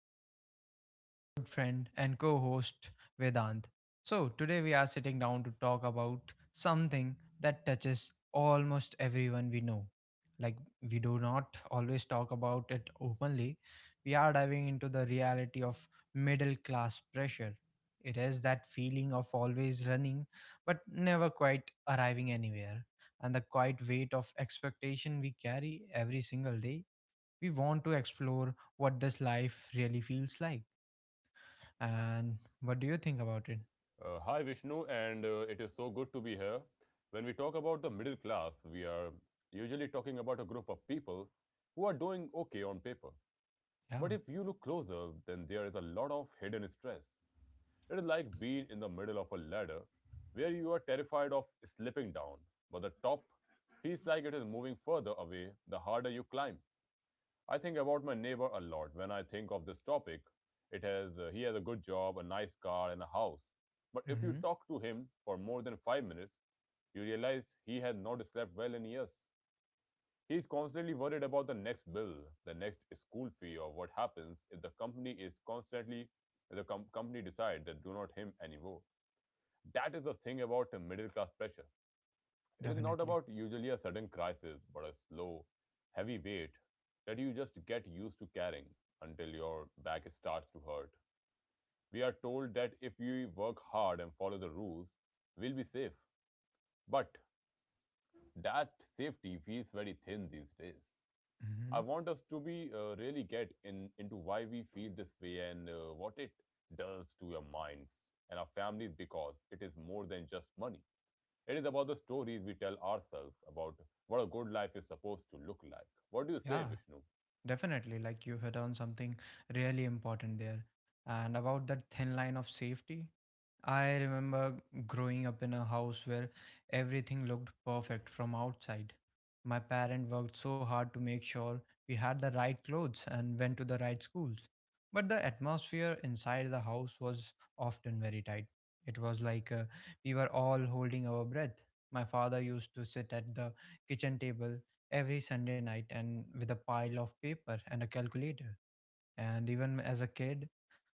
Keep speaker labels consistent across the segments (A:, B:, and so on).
A: and I am joined by my good friend and co host Vedant. So today we are sitting down to talk about something that touches almost everyone we know. Like, we do not always talk about it openly. We are diving into the reality of middle class pressure. It is that feeling of always running, but never quite arriving anywhere, and the quiet weight of expectation we carry every single day. We want to explore what this life really feels like. And what do you think about it?
B: Hi, Vishnu, and it is so good to be here. When we talk about the middle class, we are usually talking about a group of people who are doing okay on paper.
A: Yeah.
B: But if you look closer, then there is a lot of hidden stress. It is like being in the middle of a ladder where you are terrified of slipping down, but the top feels like it is moving further away the harder you climb. I think about my neighbor a lot when I think of this topic. It has He has a good job, a nice car, and a house. But if you
A: Mm-hmm.
B: talk to him for more than 5 minutes, you realize he has not slept well in years. He is constantly worried about the next bill, the next school fee, or what happens if the company decides that do not him anymore. That is the thing about the middle class pressure. It is not
A: Definitely.
B: about usually a sudden crisis, but a slow, heavy weight that you just get used to carrying until your back starts to hurt. We are told that if we work hard and follow the rules, we'll be safe. But that safety feels very thin these days.
A: Mm-hmm.
B: I want us to be really get in into why we feel this way and what it does to your minds and our families because it is more than just money. It is about the stories we tell ourselves about what a good life is supposed to look like. What do you
A: Yeah,
B: say, Vishnu?
A: definitely. Like, you hit on something really important there. And about that thin line of safety, I remember growing up in a house where everything looked perfect from outside. My parent worked so hard to make sure we had the right clothes and went to the right schools. But the atmosphere inside the house was often very tight. It was like we were all holding our breath. My father used to sit at the kitchen table every Sunday night and with a pile of paper and a calculator. And even as a kid,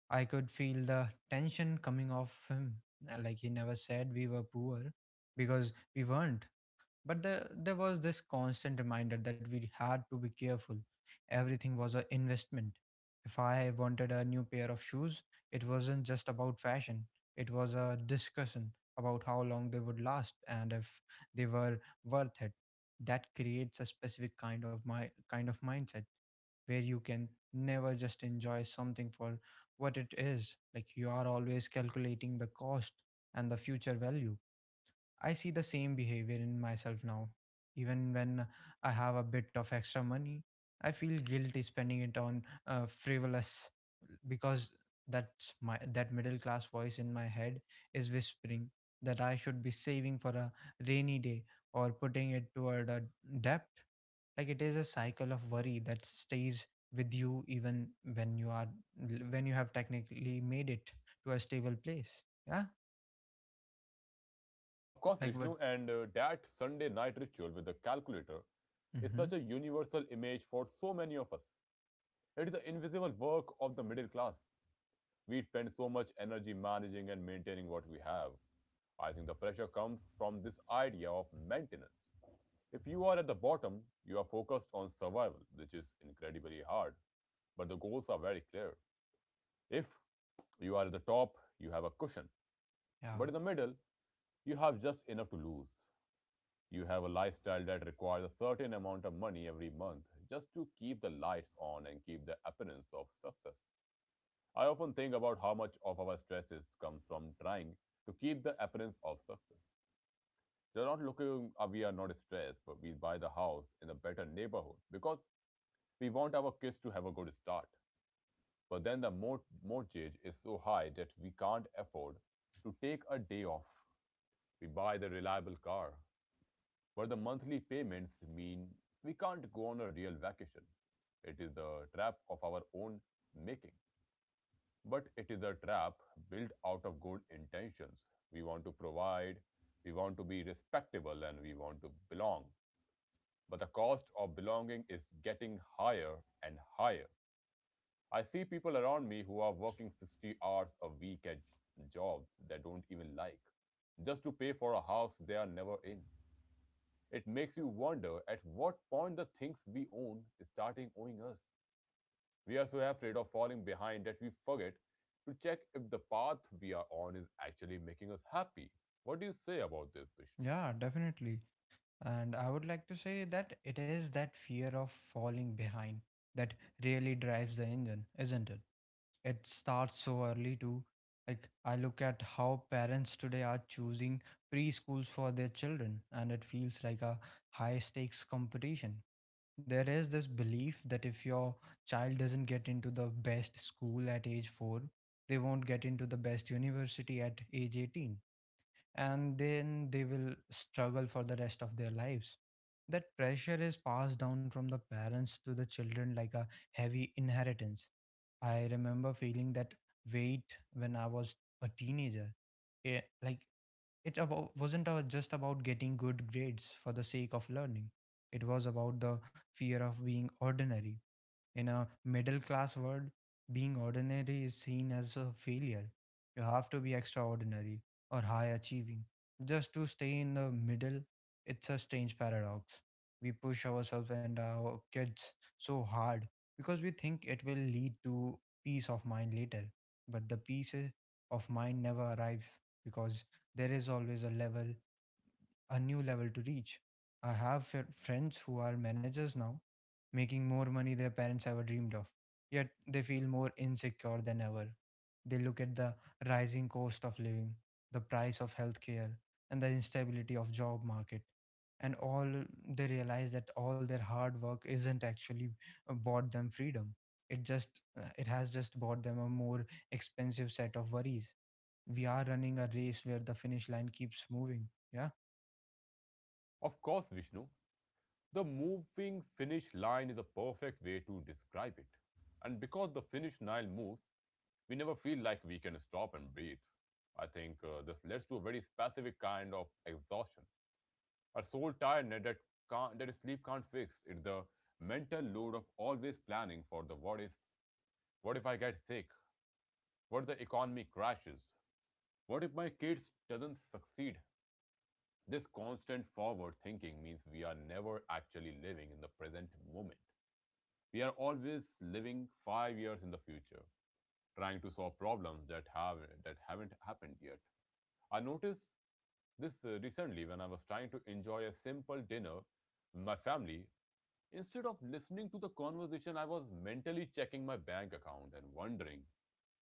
A: I could feel the tension coming off him. Like, he never said we were poor because we weren't. But there was this constant reminder that we had to be careful. Everything was an investment. If I wanted a new pair of shoes, it wasn't just about fashion, it was a discussion about how long they would last and if they were worth it. That creates a specific kind of mindset where you can never just enjoy something for what it is. Like, you are always calculating the cost and the future value. I see the same behavior in myself now. Even when I have a bit of extra money, I feel guilty spending it on frivolous because that middle class voice in my head is whispering that I should be saving for a rainy day or putting it toward a debt. Like, it is a cycle of worry that stays with you even when you are when you have technically made it to a stable place. Yeah,
B: Of course,
A: like what?
B: Vishnu, and that Sunday night ritual with the calculator is
A: Hmm.
B: such a universal image for so many of us. It is the invisible work of the middle class. We spend so much energy managing and maintaining what we have. I think the pressure comes from this idea of maintenance. If you are at the bottom, you are focused on survival, which is incredibly hard, but the goals are very clear. If you are at the top, you have a cushion, but
A: Yeah.
B: in the middle, you have just enough to lose. You have a lifestyle that requires a certain amount of money every month just to keep the lights on and keep the appearance of success. I often think about how much of our stresses come from trying to keep the appearance of success. They're not looking, we are not stressed, but we buy the house in a better neighborhood because we want our kids to have a good start. But then the mortgage is so high that we can't afford to take a day off. We buy the reliable car, but the monthly payments mean we can't go on a real vacation. It is a trap of our own making, but it is a trap built out of good intentions. We want to provide, we want to be respectable, and we want to belong. But the cost of belonging is getting higher and higher. I see people around me who are working 60 hours a week at jobs they don't even like, just to pay for a house they are never in. It makes you wonder at what point the things we own is starting owing us. We are so afraid of falling behind that we forget to check if the path we are on is actually making us happy. What do you say about this, Vishnu?
A: Yeah, definitely. And I would like to say that it is that fear of falling behind that really drives the engine, isn't it? It starts so early too. Like, I look at how parents today are choosing preschools for their children, and it feels like a high stakes competition. There is this belief that if your child doesn't get into the best school at age 4, they won't get into the best university at age 18, and then they will struggle for the rest of their lives. That pressure is passed down from the parents to the children like a heavy inheritance. I remember feeling that weight when I was a teenager. Yeah, like it about, wasn't about just about getting good grades for the sake of learning. It was about the fear of being ordinary. In a middle class world, being ordinary is seen as a failure. You have to be extraordinary or high achieving. Just to stay in the middle, it's a strange paradox. We push ourselves and our kids so hard because we think it will lead to peace of mind later. But the peace of mind never arrives because there is always a new level to reach. I have friends who are managers now, making more money their parents ever dreamed of, yet they feel more insecure than ever. They look at the rising cost of living, the price of healthcare, and the instability of job market. And all they realize that all their hard work isn't actually bought them freedom. It has just bought them a more expensive set of worries. We are running a race where the finish line keeps moving. Yeah.
B: Of course, Vishnu, the moving finish line is a perfect way to describe it. And because the finish line moves, we never feel like we can stop and breathe. I think this leads to a very specific kind of exhaustion, a soul tiredness that sleep can't fix. It's the mental load of always planning for the what ifs. What if I get sick? What if the economy crashes? What if my kids doesn't succeed? This constant forward thinking means we are never actually living in the present moment. We are always living 5 years in the future, trying to solve problems that haven't happened yet. I noticed this recently when I was trying to enjoy a simple dinner with my family. Instead of listening to the conversation, I was mentally checking my bank account and wondering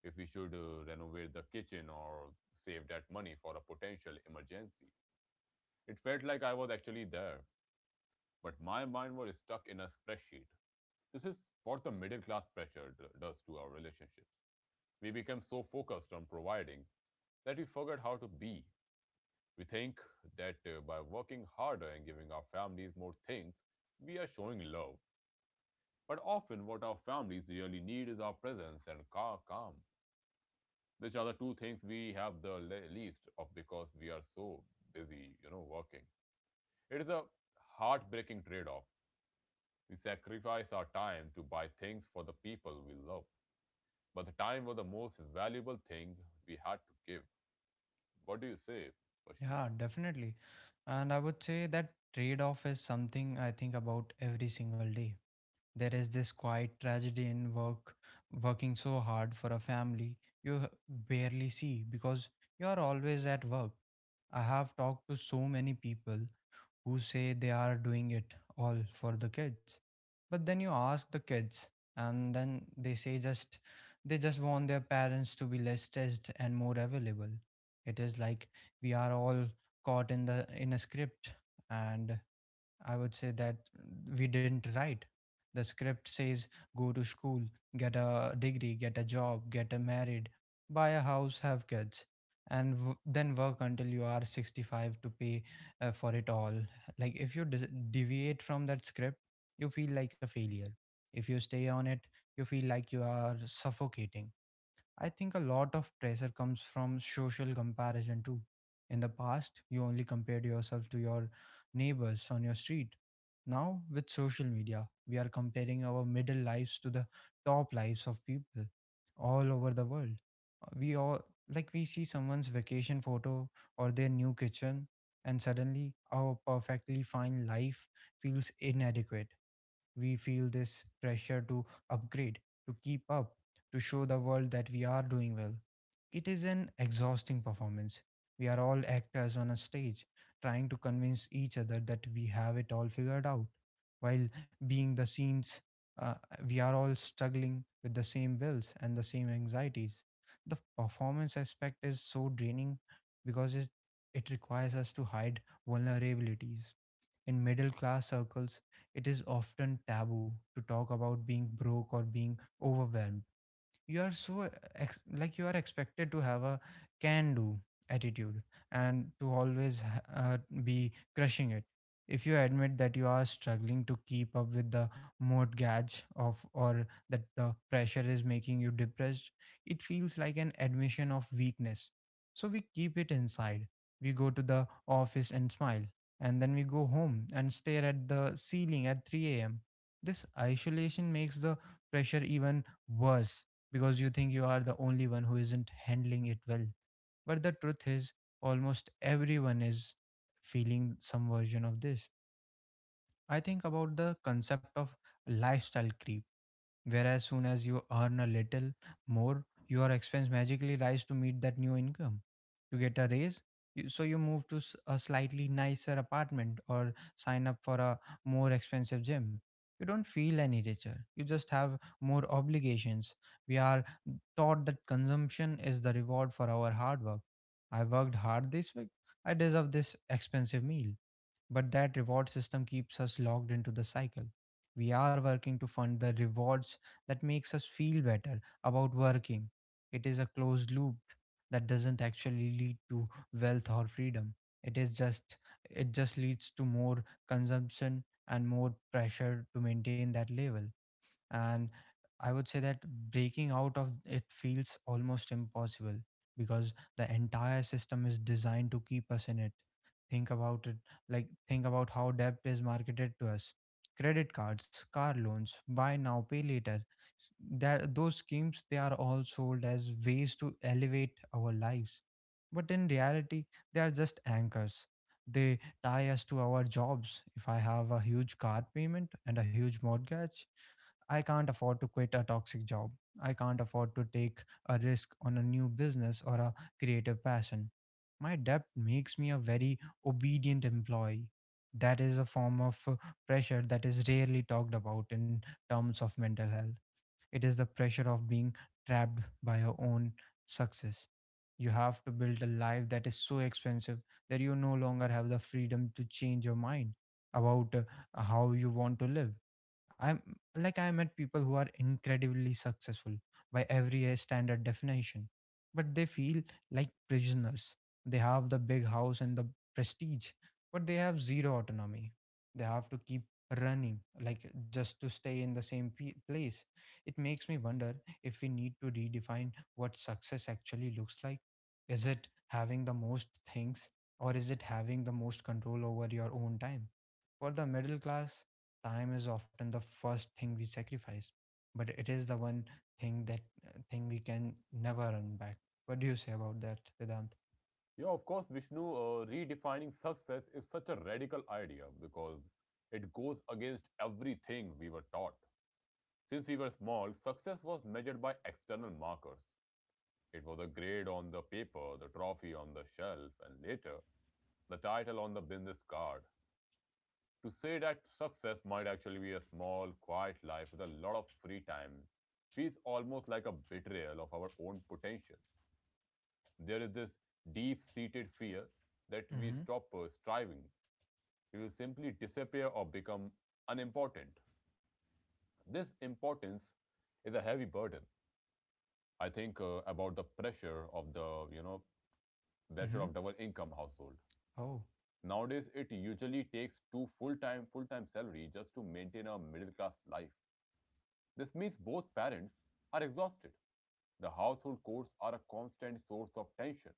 B: if we should renovate the kitchen or save that money for a potential emergency. It felt like I was actually there, but my mind was stuck in a spreadsheet. This is what the middle class pressure does to our relationships. We become so focused on providing that we forget how to be. We think that by working harder and giving our families more things, we are showing love, but often, what our families really need is our presence and calm, which are the two things we have the least of because we are so busy, you know, working. It is a heartbreaking trade off. We sacrifice our time to buy things for the people we love, but the time was the most valuable thing we had to give. What do you say, Vishnu?
A: Yeah, definitely. And I would say that trade off is something I think about every single day. There is this quiet tragedy in work, working so hard for a family you barely see because you are always at work. I have talked to so many people who say they are doing it all for the kids, but then you ask the kids and then they say just they just want their parents to be less stressed and more available. It is like we are all caught in a script, and I would say that we didn't write. The script says go to school, get a degree, get a job, get a married, buy a house, have kids, and then work until you are 65 to pay for it all. Like, if you deviate from that script, you feel like a failure. If you stay on it, you feel like you are suffocating. I think a lot of pressure comes from social comparison too. In the past, you only compared yourself to your neighbors on your street. Now, with social media, we are comparing our middle lives to the top lives of people all over the world. We all we see someone's vacation photo or their new kitchen, and suddenly our perfectly fine life feels inadequate. We feel this pressure to upgrade, to keep up, to show the world that we are doing well. It is an exhausting performance. We are all actors on a stage, trying to convince each other that we have it all figured out. While being the scenes, uh, we are all struggling with the same bills and the same anxieties. The performance aspect is so draining because it requires us to hide vulnerabilities. In middle class circles, it is often taboo to talk about being broke or being overwhelmed. You are so ex- like you are expected to have a can do attitude and to always be crushing it. If you admit that you are struggling to keep up with the mortgage, of or that the pressure is making you depressed, it feels like an admission of weakness. So we keep it inside. We go to the office and smile, and then we go home and stare at the ceiling at 3 a.m. This isolation makes the pressure even worse because you think you are the only one who isn't handling it well. But the truth is, almost everyone is feeling some version of this. I think about the concept of lifestyle creep. Whereas soon as you earn a little more, your expense magically rise to meet that new income. You get a raise, so you move to a slightly nicer apartment or sign up for a more expensive gym. You don't feel any richer. You just have more obligations. We are taught that consumption is the reward for our hard work. I worked hard this week. I deserve this expensive meal. But that reward system keeps us locked into the cycle. We are working to fund the rewards that makes us feel better about working. It is a closed loop that doesn't actually lead to wealth or freedom. It is just it just leads to more consumption and more pressure to maintain that level. And I would say that breaking out of it feels almost impossible because the entire system is designed to keep us in it. Think about it. Like, think about how debt is marketed to us: credit cards, car loans, buy now, pay later. S- those schemes, they are all sold as ways to elevate our lives. But in reality, they are just anchors. They tie us to our jobs. If I have a huge car payment and a huge mortgage, I can't afford to quit a toxic job. I can't afford to take a risk on a new business or a creative passion. My debt makes me a very obedient employee. That is a form of pressure that is rarely talked about in terms of mental health. It is the pressure of being trapped by your own success. You have to build a life that is so expensive that you no longer have the freedom to change your mind about how you want to live. I'm I met people who are incredibly successful by every standard definition, but they feel like prisoners. They have the big house and the prestige, but they have zero autonomy. They have to keep running, like, just to stay in the same place. It makes me wonder if we need to redefine what success actually looks like. Is it having the most things, or is it having the most control over your own time? For the middle class, time is often the first thing we sacrifice, but it is the one thing that thing we can never run back. What do you say about that, Vedant?
B: Yeah, of course, Vishnu, redefining success is such a radical idea because it goes against everything we were taught. Since we were small, success was measured by external markers. It was a grade on the paper, the trophy on the shelf, and later, the title on the business card. To say that success might actually be a small, quiet life with a lot of free time feels almost like a betrayal of our own potential. There is this deep seated fear that we
A: Mm-hmm.
B: stop striving, we will simply disappear or become unimportant. This importance is a heavy burden. I think about the pressure of the you know pressure
A: Mm-hmm.
B: of double income household.
A: Oh.
B: Nowadays, it usually takes two full time salary just to maintain a middle class life. This means both parents are exhausted. The household chores are a constant source of tension,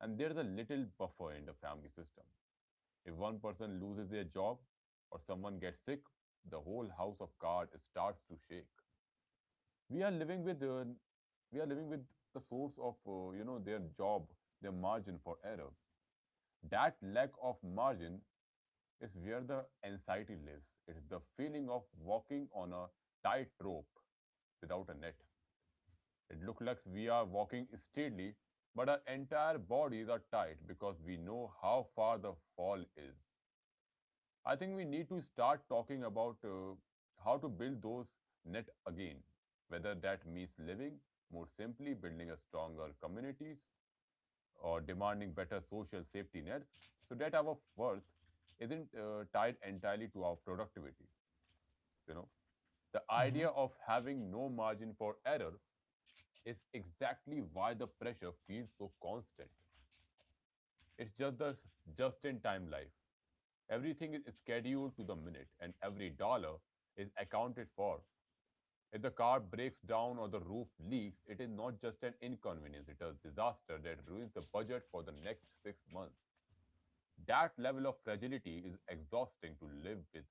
B: and there is a little buffer in the family system. If one person loses their job or someone gets sick, the whole house of cards starts to shake. We are living with we are living with the source of you know, their job, their margin for error. That lack of margin is where the anxiety lives. It is the feeling of walking on a tight rope without a net. It looks like we are walking steadily, but our entire bodies are tight because we know how far the fall is. I think we need to start talking about how to build those net again, whether that means living more simply, building a stronger communities, or demanding better social safety nets, so that our worth isn't tied entirely to our productivity. You know, the
A: Mm-hmm.
B: idea of having no margin for error is exactly why the pressure feels so constant. It's just the just-in-time life. Everything is scheduled to the minute, and every dollar is accounted for. If the car breaks down or the roof leaks, it is not just an inconvenience, it is a disaster that ruins the budget for the next 6 months. That level of fragility is exhausting to live with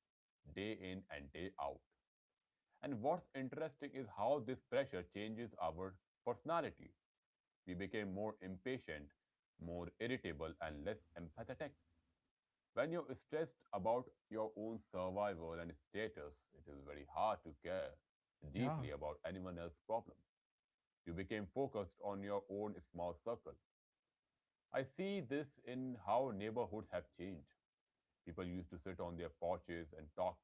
B: day in and day out. And what's interesting is how this pressure changes our personality. We became more impatient, more irritable, and less empathetic. When you're stressed about your own survival and status, it is very hard to care
A: Yeah.
B: deeply about anyone else's problems. You became focused on your own small circle. I see this in how neighborhoods have changed. People used to sit on their porches and talk.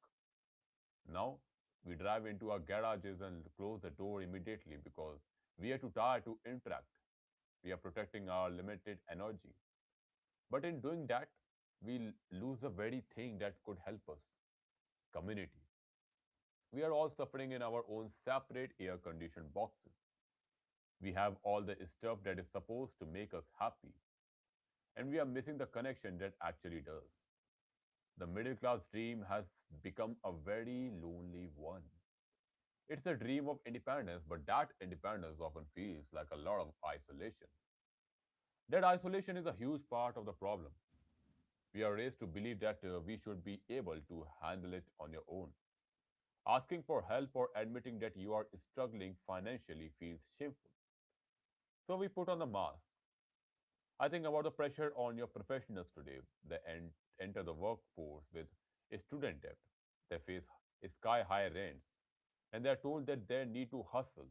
B: Now, we drive into our garages and close the door immediately because we are too tired to interact. We are protecting our limited energy. But in doing that, we lose the very thing that could help us, community. We are all suffering in our own separate air conditioned boxes. We have all the stuff that is supposed to make us happy and we are missing the connection that actually does. The middle class dream has become a very lonely one. It's a dream of independence, but that independence often feels like a lot of isolation. That isolation is a huge part of the problem. We are raised to believe that we should be able to handle it on your own. Asking for help or admitting that you are struggling financially feels shameful. So we put on the mask. I think about the pressure on your professionals today. They enter the workforce with a student debt. They face sky high rents, and they are told that they need to hustle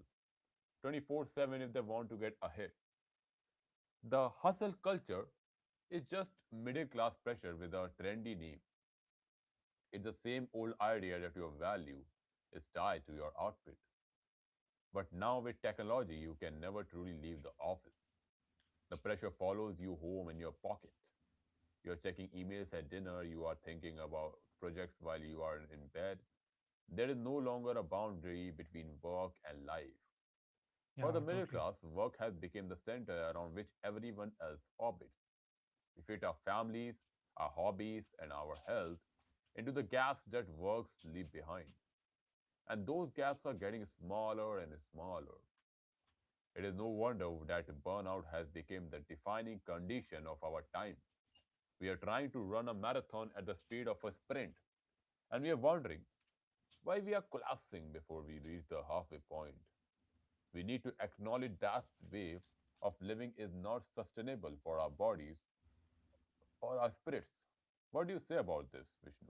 B: 24/7 if they want to get ahead. The hustle culture is just middle class pressure with a trendy name. It's the same old idea that your value is tied to your outfit. But now with technology, you can never truly leave the office. The pressure follows you home in your pocket. You're checking emails at dinner, you are thinking about projects while you are in bed. There is no longer a boundary between work and life. For the
A: Yeah.
B: middle
A: Totally.
B: class, work has become the center around which everyone else orbits. We fit our families, our hobbies, and our health into the gaps that works leave behind. And those gaps are getting smaller and smaller. It is no wonder that burnout has become the defining condition of our time. We are trying to run a marathon at the speed of a sprint, and we are wondering why we are collapsing before we reach the halfway point. We need to acknowledge that way of living is not sustainable for our bodies or our spirits. What do you say about this, Vishnu?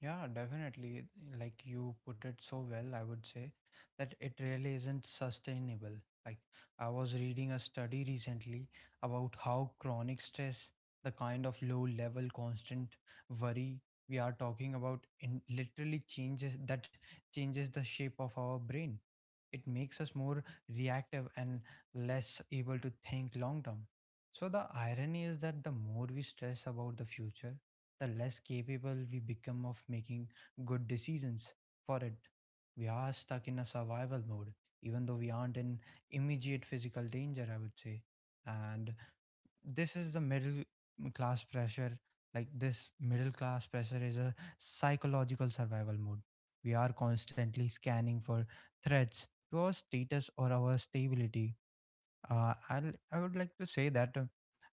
A: Yeah, definitely. Like you put it so well, I would say that it really isn't sustainable. Like I was reading a study recently about how chronic stress, the kind of low level constant worry we are talking about, in literally changes the shape of our brain. It makes us more reactive and less able to think long term. So the irony is that the more we stress about the future, the less capable we become of making good decisions for it. We are stuck in a survival mode, even though we aren't in immediate physical danger, I would say. And this is the middle class pressure. Like this middle class pressure is a psychological survival mode. We are constantly scanning for threats to our status or our stability. Uh, I'll, I would like to say that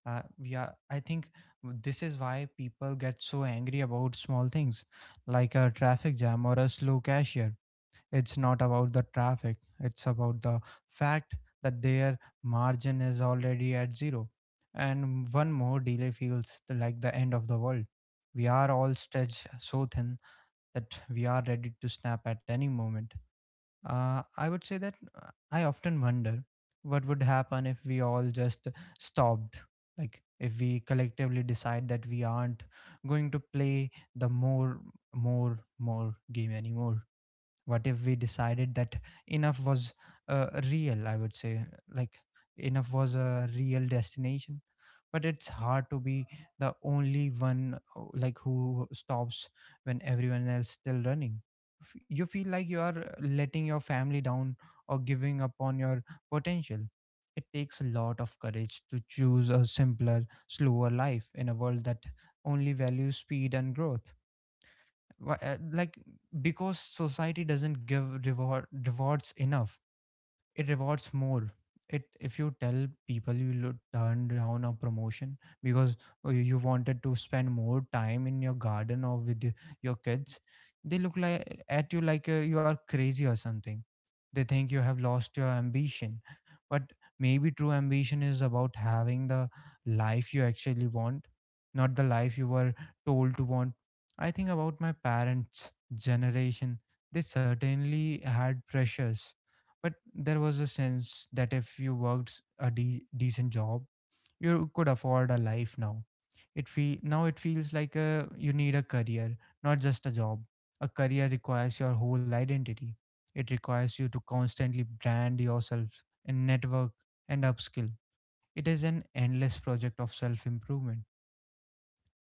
A: we are, I think this is why people get so angry about small things like a traffic jam or a slow cashier. It's not about the traffic, it's about the fact that their margin is already at zero. And one more delay feels like the end of the world. We are all stretched so thin that we are ready to snap at any moment. Uh, I would say that uh, I often wonder what would happen if we all just stopped. Like, if we collectively decide that we aren't going to play the more, more game anymore. What if we decided that enough was real? I would say, like, enough was a real destination, but it's hard to be the only one like who stops when everyone else still running. You feel like you are letting your family down or giving up on your potential. It takes a lot of courage to choose a simpler slower life in a world that only values speed and growth. Like, because society doesn't give reward rewards enough, it rewards more. It, if you tell people you turn down a promotion because you wanted to spend more time in your garden or with your kids, they look like at you like you are crazy or something. They think you have lost your ambition. But maybe true ambition is about having the life you actually want, not the life you were told to want. I think about my parents generation. They certainly had pressures, but there was a sense that if you worked decent job, you could afford a life. Now it feel now it feels like a, you need a career, not just a job. A career requires your whole identity. It requires you to constantly brand yourself and network and upskill. It is an endless project of self improvement.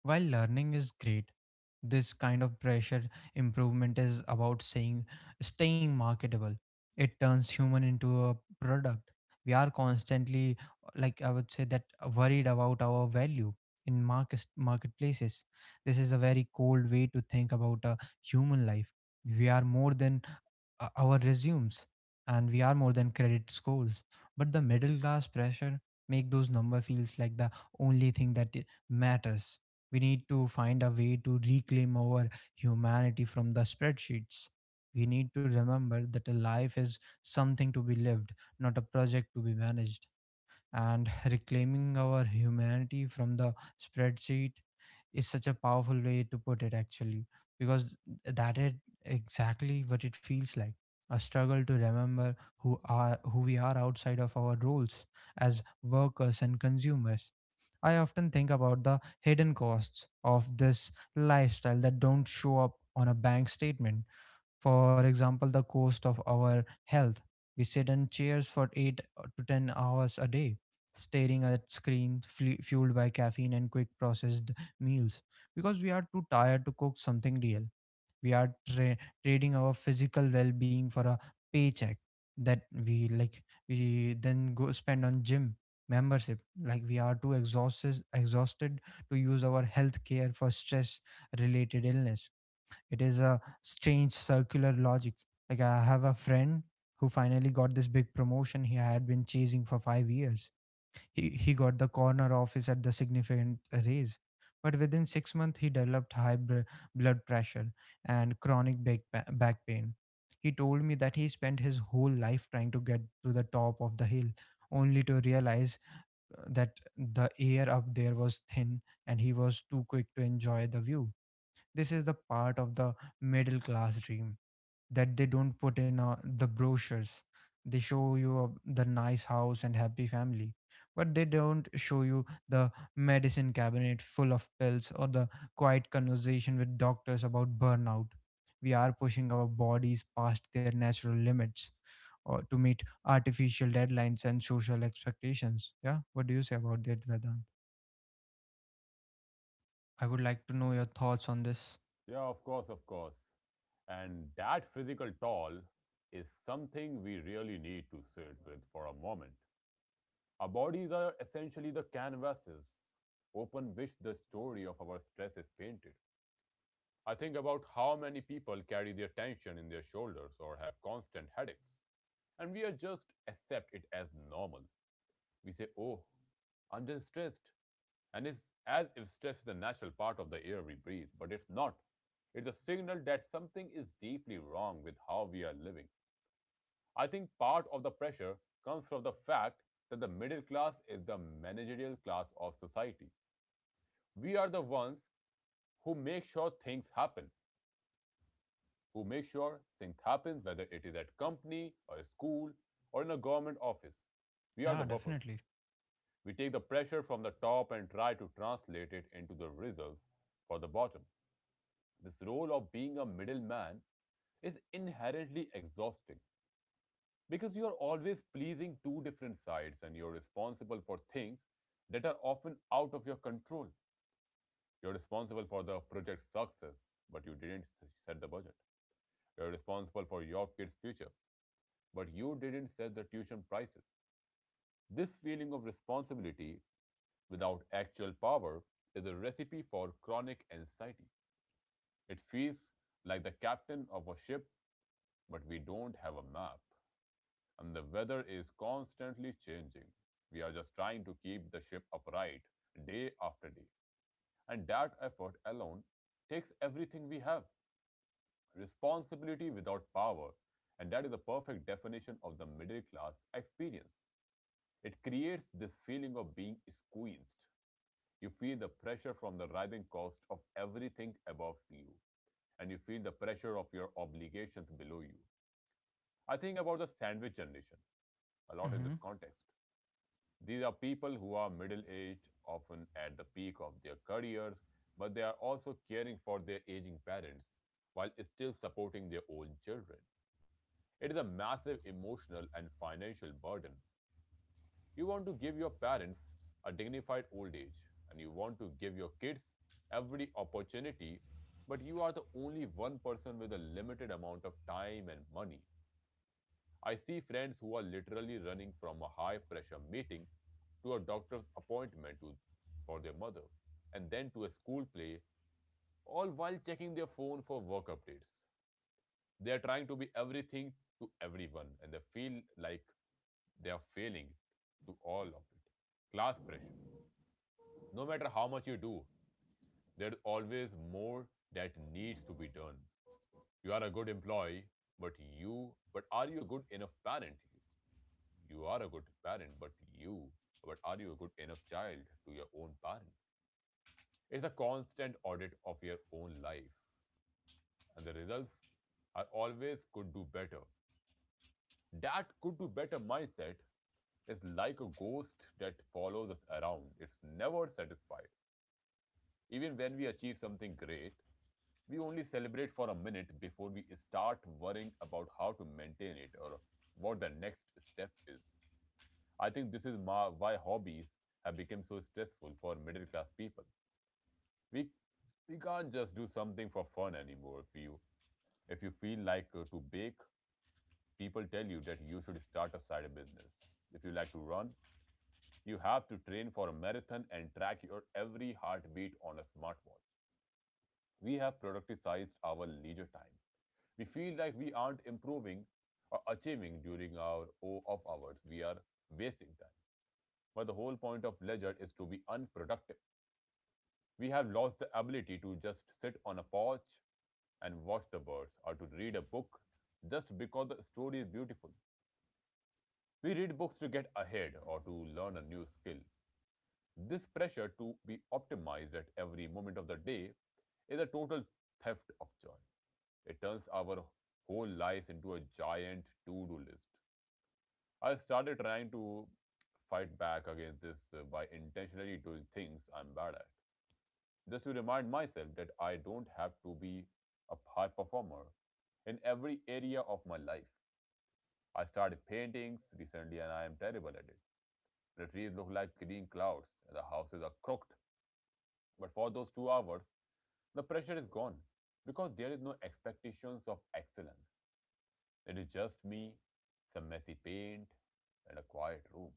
A: While learning is great, this kind of pressure improvement is about saying staying marketable. It turns human into a product. We are constantly, like I would say, that worried about our value in marketplaces. This is a very cold way to think about a human life. We are more than our resumes, and we are more than credit scores, but the middle class pressure make those number feels like the only thing that it matters. We need to find a way to reclaim our humanity from the spreadsheets. We need to remember that a life is something to be lived, not a project to be managed. And reclaiming our humanity from the spreadsheet is such a powerful way to put it actually, because that is exactly what it feels like, a struggle to remember who we are outside of our roles as workers and consumers. I often think about the hidden costs of this lifestyle that don't show up on a bank statement. For example, the cost of our health. We sit in chairs for 8 to 10 hours a day, staring at screens fueled by caffeine and quick processed meals because we are too tired to cook something real. We are trading our physical well being for a paycheck that we like we then go spend on gym membership, like we are too exhausted to use our health care for stress related illness. It is a strange circular logic. Like I have a friend who finally got this big promotion he had been chasing for 5 years. He got the corner office at the significant raise. But within 6 months he developed blood pressure and chronic back pain. He told me that he spent his whole life trying to get to the top of the hill only to realize that the air up there was thin, and he was too quick to enjoy the view. This is the part of the middle class dream that they don't put in the brochures. They show you the nice house and happy family, but they don't show you the medicine cabinet full of pills or the quiet conversation with doctors about burnout. We are pushing our bodies past their natural limits or to meet artificial deadlines and social expectations. Yeah, what do you say about that, Vedant? I would like to know your thoughts on this.
B: Yeah, of course, of course. And that physical toll is something we really need to sit with for a moment. Our bodies are essentially the canvases open which the story of our stress is painted. I think about how many people carry their tension in their shoulders or have constant headaches. And we are just accept it as normal. We say, oh, I'm just stressed. And it's as if stress is a natural part of the air we breathe, but it's not. It's a signal that something is deeply wrong with how we are living. I think part of the pressure comes from the fact that the middle class is the managerial class of society. We are the ones who make sure things happen. who make sure things happen, whether it is at company or a school or in a government office. We are
A: Yeah,
B: the buffers.
A: definitely.
B: We take the pressure from the top and try to translate it into the results for the bottom. This role of being a middleman is inherently exhausting because you are always pleasing two different sides and you're responsible for things that are often out of your control. You're responsible for the project's success, but you didn't set the budget. You're responsible for your kid's future, but you didn't set the tuition prices. This feeling of responsibility without actual power is a recipe for chronic anxiety. It feels like the captain of a ship, but we don't have a map, and the weather is constantly changing. We are just trying to keep the ship upright day after day, and that effort alone takes everything we have. Responsibility without power, and that is the perfect definition of the middle class experience. It creates this feeling of being squeezed. You feel the pressure from the rising cost of everything above you, and you feel the pressure of your obligations below you. I think about the sandwich generation a lot in
A: Mm-hmm.
B: this context. These are people who are middle aged, often at the peak of their careers, but they are also caring for their aging parents while still supporting their own children. It is a massive emotional and financial burden. You want to give your parents a dignified old age and you want to give your kids every opportunity, but you are the only one person with a limited amount of time and money. I see friends who are literally running from a high pressure meeting to a doctor's appointment for their mother and then to a school play, all while checking their phone for work updates. They are trying to be everything to everyone and they feel like they are failing to all of it. Class pressure, no matter how much you do, there's always more that needs to be done. You are a good employee, but but are you a good enough parent? You are a good parent, but you, but are you a good enough child to your own parents? It's a constant audit of your own life, and the results are always could do better. That could do better mindset is like a ghost that follows us around. It's never satisfied. Even when we achieve something great, we only celebrate for a minute before we start worrying about how to maintain it or what the next step is. I think this is why hobbies have become so stressful for middle class people. We we can't just do something for fun anymore. If you feel like to bake, people tell you that you should start a side business. If you like to run, you have to train for a marathon and track your every heartbeat on a smartwatch. We have productized our leisure time. We feel like we aren't improving or achieving during our O of hours. We are wasting time. But the whole point of leisure is to be unproductive. We have lost the ability to just sit on a porch and watch the birds or to read a book just because the story is beautiful. We read books to get ahead or to learn a new skill. This pressure to be optimized at every moment of the day is a total theft of joy. It turns our whole lives into a giant to do list. I started trying to fight back against this by intentionally doing things I'm bad at, just to remind myself that I don't have to be a high performer in every area of my life. I started paintings recently and I am terrible at it. The trees look like green clouds and the houses are crooked. But for those 2 hours, the pressure is gone because there is no expectations of excellence. It is just me, some messy paint, and a quiet room.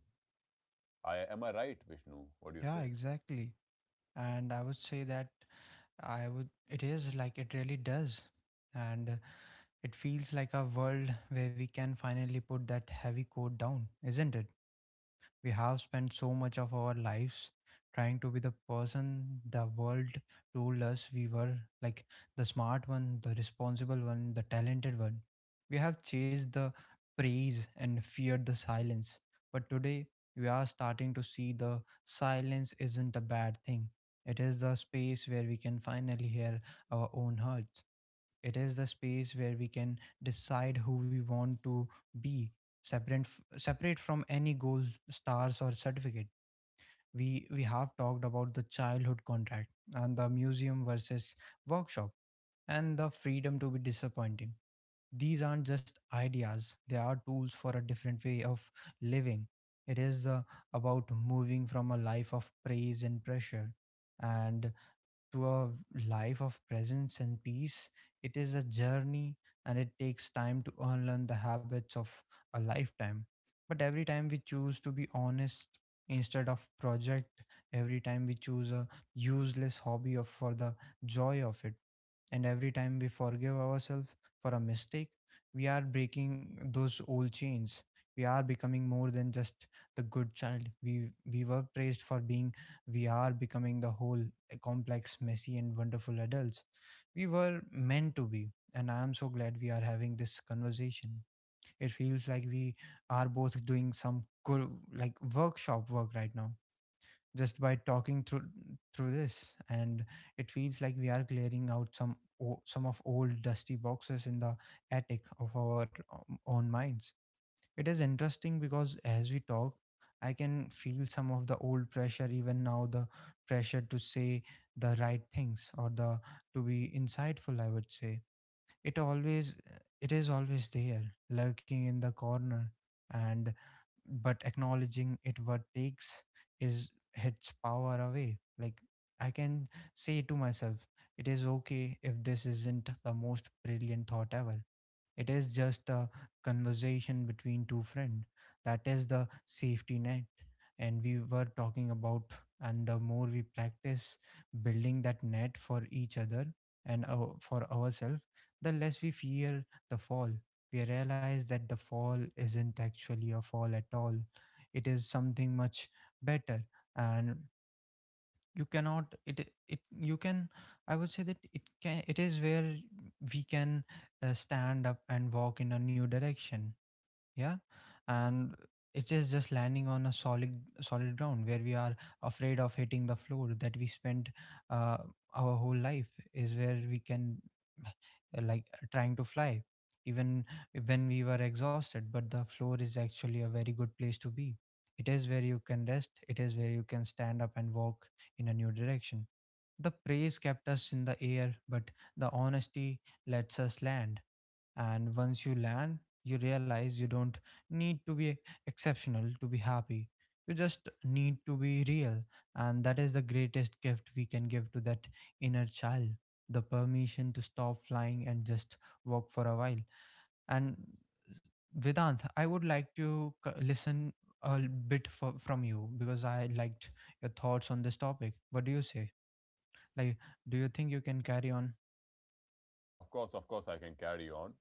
B: I am I right, Vishnu? What do you
A: Yeah,
B: say?
A: exactly. And I would say that it is like it really does. And it feels like a world where we can finally put that heavy coat down, isn't it? We have spent so much of our lives trying to be the person the world told us we were, like the smart one, the responsible one, the talented one. We have chased the praise and feared the silence. But today, we are starting to see the silence isn't a bad thing. It is the space where we can finally hear our own hearts. It is the space where we can decide who we want to be, separate from any goal, stars, or certificate. We have talked about the childhood contract and the museum versus workshop and the freedom to be disappointing. These aren't just ideas; they are tools for a different way of living. It is about moving from a life of praise and pressure and to a life of presence and peace. It is a journey and it takes time to unlearn the habits of a lifetime. But every time we choose to be honest instead of project, every time we choose a useless hobby for the joy of it, and every time we forgive ourselves for a mistake, we are breaking those old chains. We are becoming more than just the good child we were praised for being. We are becoming the whole complex, messy, and wonderful adults we were meant to be. And I am so glad we are having this conversation. It feels like we are both doing some good, like workshop work right now, just by talking through this. And it feels like we are clearing out some of old dusty boxes in the attic of our own minds. It is interesting because as we talk, I can feel some of the old pressure even now, the pressure to say the right things or the to be insightful. I would say it always, it is always there, lurking in the corner, and but acknowledging it what takes is its power away. Like I can say to myself, it is okay if this isn't the most brilliant thought ever. It is just a conversation between two friends. That is the safety net and we were talking about. And the more we practice building that net for each other and for ourselves, the less we fear the fall. We realize that the fall isn't actually a fall at all. It is something much better, and you cannot. It you can. I would say that it can. It is where we can stand up and walk in a new direction. Yeah. And it is just landing on a solid ground where we are afraid of hitting the floor that we spent uh, our whole life is where we can like trying to fly even when we were exhausted. But the floor is actually a very good place to be. It is where you can rest, it is where you can stand up and walk in a new direction. The praise kept us in the air, but the honesty lets us land. And once you land, you realize you don't need to be exceptional to be happy. You just need to be real. And that is the greatest gift we can give to that inner child, the permission to stop flying and just walk for a while. And Vedant, I would like to listen a bit from you because I liked your thoughts on this topic. What do you say? Like, do you think you can carry on?
B: Of course, I can carry on.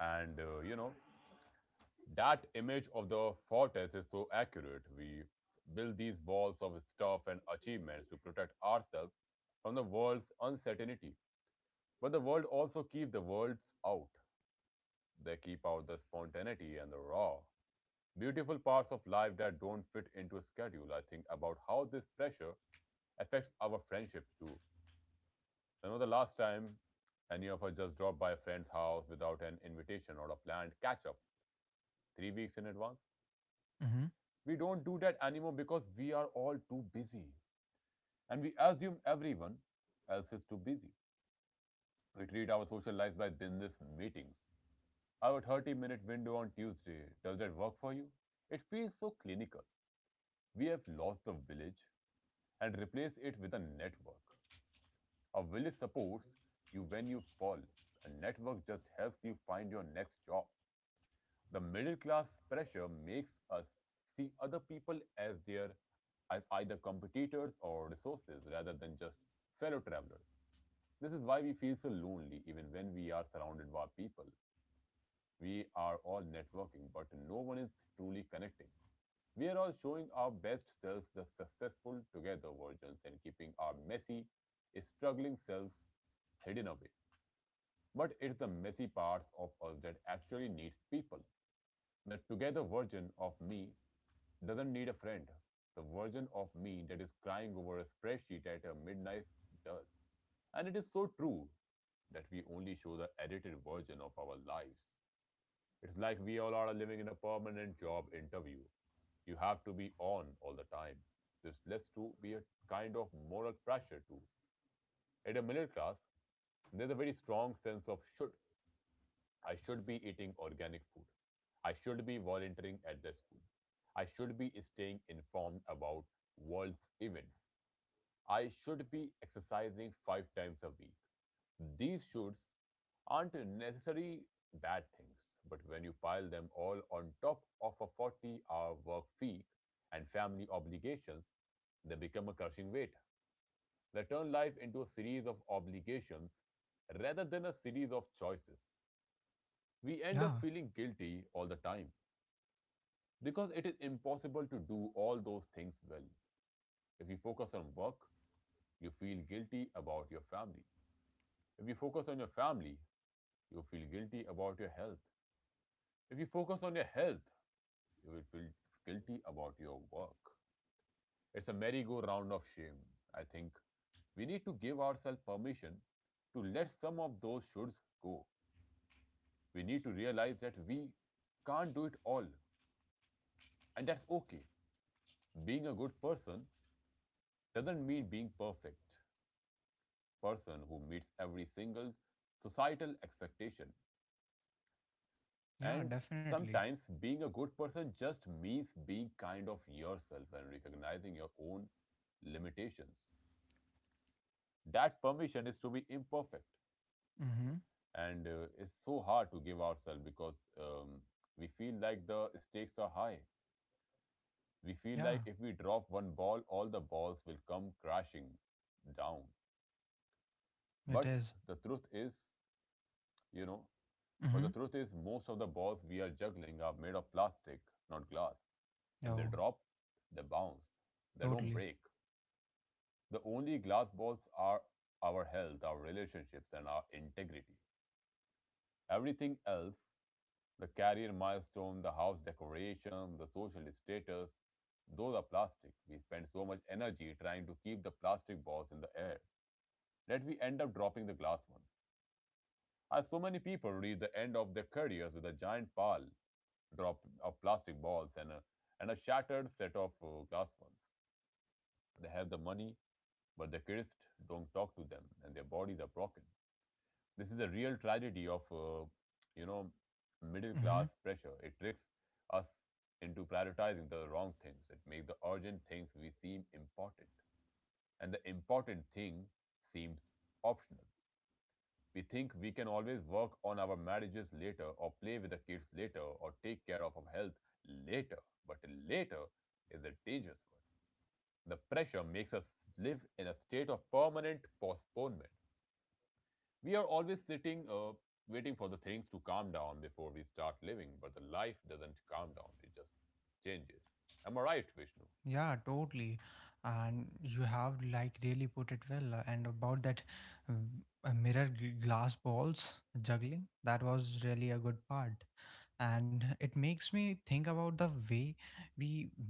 B: And you know that image of the fortress is so accurate. We build these walls of stuff and achievements to protect ourselves from the world's uncertainty. But the world also keeps the worlds out. They keep out the spontaneity and the raw, beautiful parts of life that don't fit into a schedule. I think about how this pressure affects our friendships too. When was the last time any of us just dropped by a friend's house without an invitation or a planned catch up 3 weeks in advance?
A: Mm-hmm.
B: We don't do that anymore because we are all too busy and we assume everyone else is too busy. We treat our social lives by business meetings. Our 30-minute window on Tuesday, does that work for you? It feels so clinical. We have lost the village and replaced it with a network. A village supports you when you fall, a network just helps you find your next job. The middle class pressure makes us see other people as their as either competitors or resources rather than just fellow travelers. This is why we feel so lonely even when we are surrounded by people. We are all networking, but no one is truly connecting. We are all showing our best selves, the successful together versions, and keeping our messy, struggling selves hidden away. But it's the messy parts of us that actually needs people. The together version of me doesn't need a friend. The version of me that is crying over a spreadsheet at a midnight does. And it is so true that we only show the edited version of our lives. It's like we all are living in a permanent job interview. You have to be on all the time. This leads to be a kind of moral pressure too. At a middle class, there's a very strong sense of should. I should be eating organic food. I should be volunteering at the school. I should be staying informed about world's events. I should be exercising 5 times a week. These shoulds aren't necessary bad things, but when you pile them all on top of a 40-hour work week and family obligations, they become a crushing weight. They turn life into a series of obligations rather than a series of choices. We end up
A: Yeah,
B: feeling guilty all the time because it is impossible to do all those things well. If you focus on work, you feel guilty about your family. If you focus on your family, you feel guilty about your health. If you focus on your health, you will feel guilty about your work. It's a merry-go-round of shame. I think we need to give ourselves permission to let some of those shoulds go. We need to realize that we can't do it all, and that's okay. Being a good person doesn't mean being perfect person who meets every single societal expectation,
A: yeah,
B: and
A: definitely.
B: sometimes being a good person just means being kind of yourself and recognizing your own limitations. That permission is to be imperfect,
A: Mm-hmm.
B: and it's so hard to give ourselves because um, we feel like the stakes are high. We feel
A: Yeah,
B: like if we drop one ball all the balls will come crashing down,
A: it
B: but
A: is.
B: the truth is you know But
A: Mm-hmm.
B: the truth is, most of the balls we are juggling are made of plastic, not glass. If they
A: Oh,
B: drop, they bounce, they don't
A: totally.
B: break. The only glass balls are our health, our relationships, and our integrity. Everything else, the career milestone, the house decoration, the social status, those are plastic. We spend so much energy trying to keep the plastic balls in the air that we end up dropping the glass one. I have so many people reach the end of their careers with a giant pile drop of plastic balls and a shattered set of glass ones. They have the money, but the kids don't talk to them and their bodies are broken. This is a real tragedy of, you know, middle
A: Mm-hmm.
B: class pressure. It tricks us into prioritizing the wrong things. It makes the urgent things we seem important and the important thing seems optional. We think we can always work on our marriages later, or play with the kids later, or take care of our health later. But later is a dangerous word. The pressure makes us live in a state of permanent postponement. We are always sitting, waiting for the things to calm down before we start living, but the life doesn't calm down, it just changes. Am I right, Vishnu?
A: Yeah, totally. And you have like really put it well. And about that uh, mirror glass balls juggling, that was really a good part. And it makes me think about the way we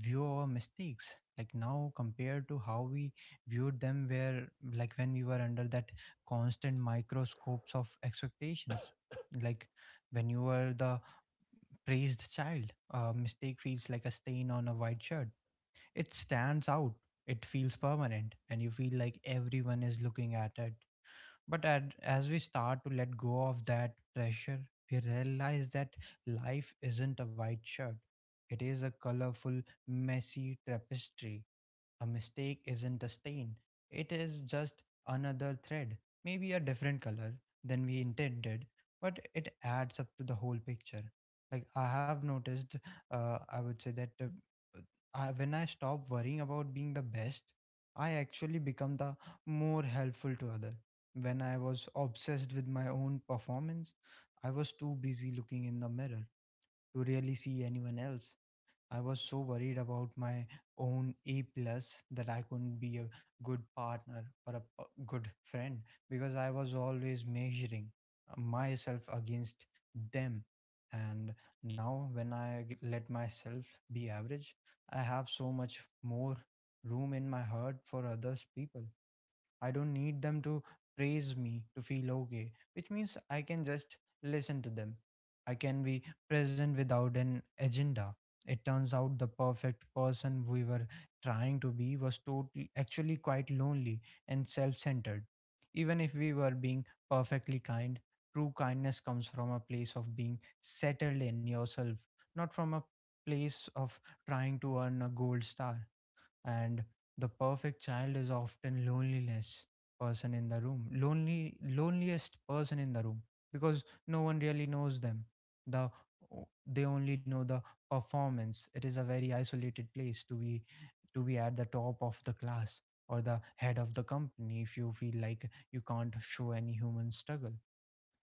A: view our mistakes, like now compared to how we viewed them, where like when we were under that constant microscopes of expectations, like when you were the praised child, a mistake feels like a stain on a white shirt. It stands out, it feels permanent, and you feel like everyone is looking at it. But as we start to let go of that pressure, we realize that life isn't a white shirt. It is a colorful, messy tapestry. A mistake isn't a stain, it is just another thread, maybe a different color than we intended, but it adds up to the whole picture. Like, I have noticed, I would say that uh, when I stop worrying about being the best, I actually become the more helpful to other. When I was obsessed with my own performance, I was too busy looking in the mirror to really see anyone else. I was so worried about my own A plus that I couldn't be a good partner or a good friend, because I was always measuring myself against them. And now, when I let myself be average, I have so much more room in my heart for others people. I don't need them to praise me to feel okay, which means I can just listen to them. I can be present without an agenda. It turns out the perfect person we were trying to be was totally actually quite lonely and self-centered. Even if we were being perfectly kind, true kindness comes from a place of being settled in yourself, not from a place of trying to earn a gold star. And the perfect child is often loneliness person in the room, lonely, loneliest person in the room, because no one really knows them. The they only know the performance. It is a very isolated place to be, to be at the top of the class or the head of the company, if you feel like you can't show any human struggle.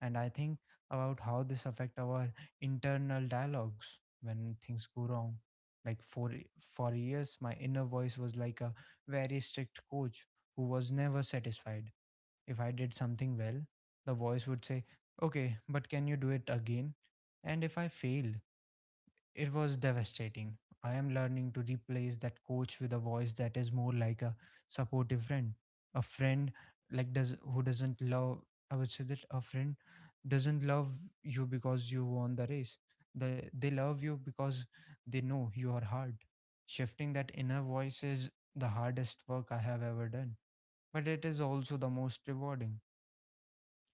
A: And I think about how this affect our internal dialogues when things go wrong. Like for years my inner voice was like a very strict coach who was never satisfied. If I did something well, the voice would say, okay, but can you do it again? And if I failed. It was devastating. I am learning to replace that coach with a voice that is more like a supportive friend, a friend like does who doesn't love. I would say that a friend doesn't love you because you won the race. They love you because they know you are hard. Shifting that inner voice is the hardest work I have ever done, but it is also the most rewarding.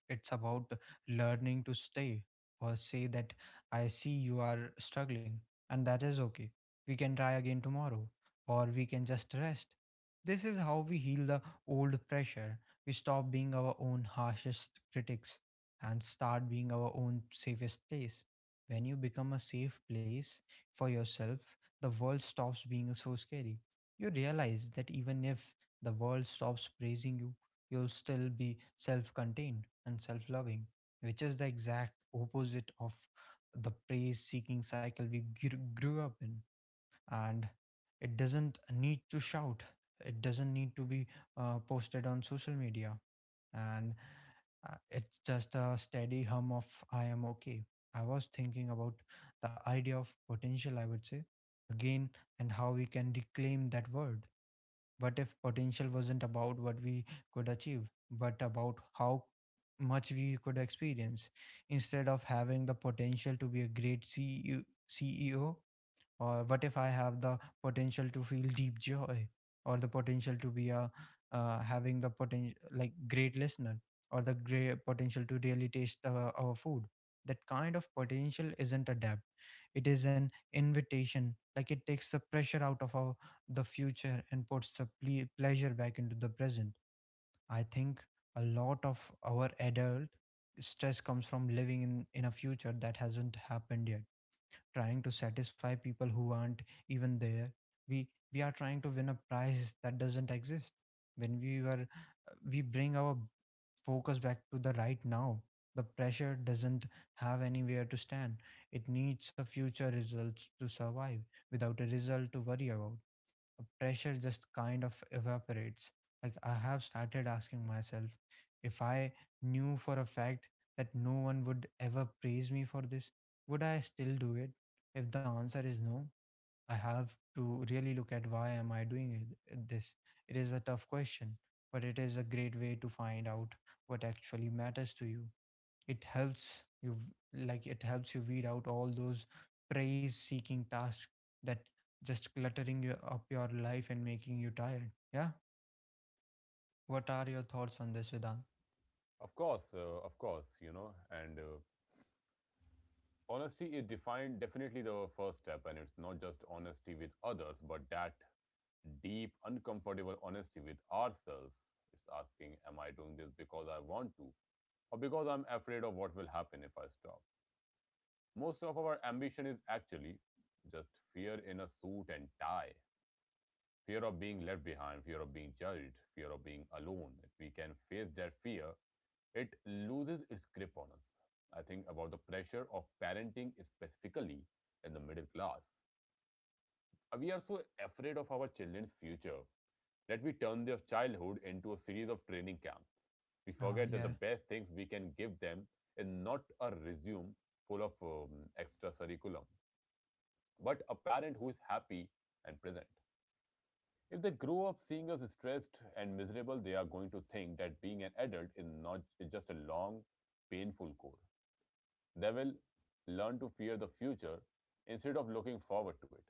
A: It's about learning to stay or say that I see you are struggling, and that is okay. We can try again tomorrow, or we can just rest. This is how we heal the old pressure. We stop being our own harshest critics and start being our own safest place. When you become a safe place for yourself, the world stops being so scary. You realize that even if the world stops praising you, you'll still be self contained and self loving, which is the exact opposite of the praise seeking cycle we grew up in. And it doesn't need to shout, it doesn't need to be posted on social media. And it's just a steady hum of I am okay. I was thinking about the idea of potential, I would say, again, and how we can reclaim that word. What if potential wasn't about what we could achieve, but about how much we could experience? Instead of having the potential to be a great CEO, or what if I have the potential to feel deep joy, or the potential to be a having the potential like great listener, or the great potential to really taste our food. That kind of potential isn't a debt, it is an invitation. Like it takes the pressure out of the future and puts the pleasure back into the present. I think a lot of our adult stress comes from living in a future that hasn't happened yet, trying to satisfy people who aren't even there. we we are trying to win a prize that doesn't exist. When we were We bring our focus back to the right now. The pressure doesn't have anywhere to stand. It needs a future results to survive. Without a result to worry about, pressure just kind of evaporates. Like I have started asking myself, if I knew for a fact that no one would ever praise me for this, would I still do it? If the answer is no, I have to really look at why am I doing this. It is a tough question, but it is a great way to find out what actually matters to you. It helps you like it helps you weed out all those praise seeking tasks that just cluttering you up your life and making you tired. Yeah. What are your thoughts on this, Vedant?
B: Of course, you know, and. Honesty is defined definitely the first step, and it's not just honesty with others but that deep, uncomfortable honesty with ourselves. It's asking, am I doing this because I want to, or because I'm afraid of what will happen if I stop? Most of our ambition is actually just fear in a suit and tie, fear of being left behind, fear of being judged, fear of being alone. If we can face that fear, it loses its grip on us. I think about the pressure of parenting, specifically in the middle class. We are so afraid of our children's future that we turn their childhood into a series of training camps. We
A: Ah,
B: forget that the
A: yeah.
B: best things we can give them is not a resume full of extra curriculum, but a parent who is happy and present. If they grow up seeing us stressed and miserable, they are going to think that being an adult is not is just a long, painful core. They will learn to fear the future instead of looking forward to it.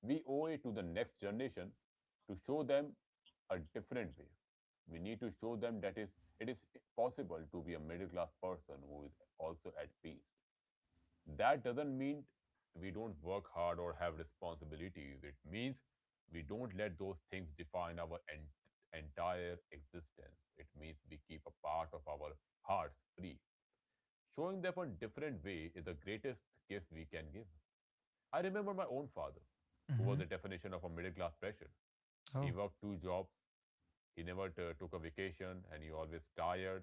B: We owe it to the next generation to show them a different way. We need to show them that is possible to be a middle class person who is also at peace. That doesn't mean we don't work hard or have responsibilities. It means we don't let those things define our entire existence. It means we keep a part of our hearts free. Showing them a different way is the greatest gift we can give. I remember my own father, who was
A: Mm-hmm.
B: the definition of a middle class pressure. He
A: Oh.
B: worked two jobs, he never took a vacation, and he always tired.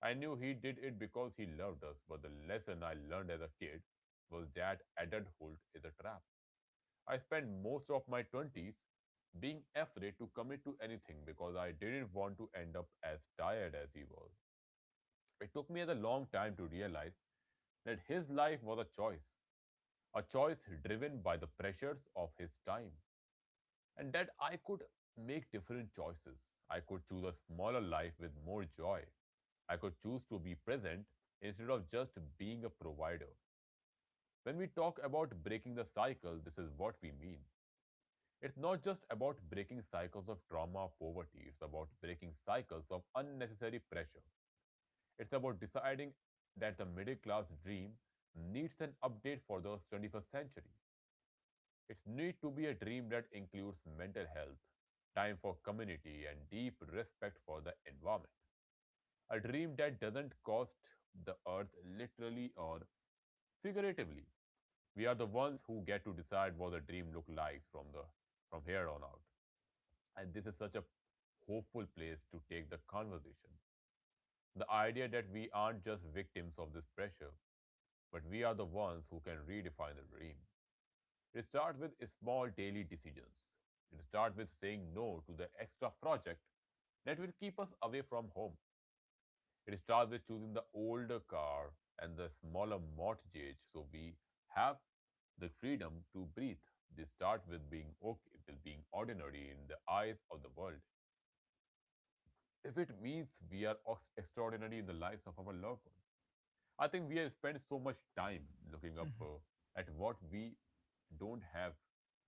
B: I knew he did it because he loved us, but the lesson I learned as a kid was that adulthood is a trap. I spent most of my 20s being afraid to commit to anything because I didn't want to end up as tired as he was. It took me a long time to realize that his life was a choice driven by the pressures of his time, and that I could make different choices. I could choose a smaller life with more joy. I could choose to be present instead of just being a provider. When we talk about breaking the cycle, this is what we mean. It's not just about breaking cycles of trauma or poverty, it's about breaking cycles of unnecessary pressure. It's about deciding that the middle class dream needs an update for the 21st century. It's need to be a dream that includes mental health, time for community, and deep respect for the environment. A dream that doesn't cost the earth literally or figuratively. We are the ones who get to decide what the dream looks like from here on out. And this is such a hopeful place to take the conversation. The idea that we aren't just victims of this pressure, but we are the ones who can redefine the dream. It starts with small daily decisions. It starts with saying no to the extra project that will keep us away from home. It starts with choosing the older car and the smaller mortgage so we have the freedom to breathe. They start with being okay with being ordinary in the eyes of the world, if it means we are extraordinary in the lives of our loved ones. I think we have spent so much time looking up
A: Mhm.
B: at what we don't have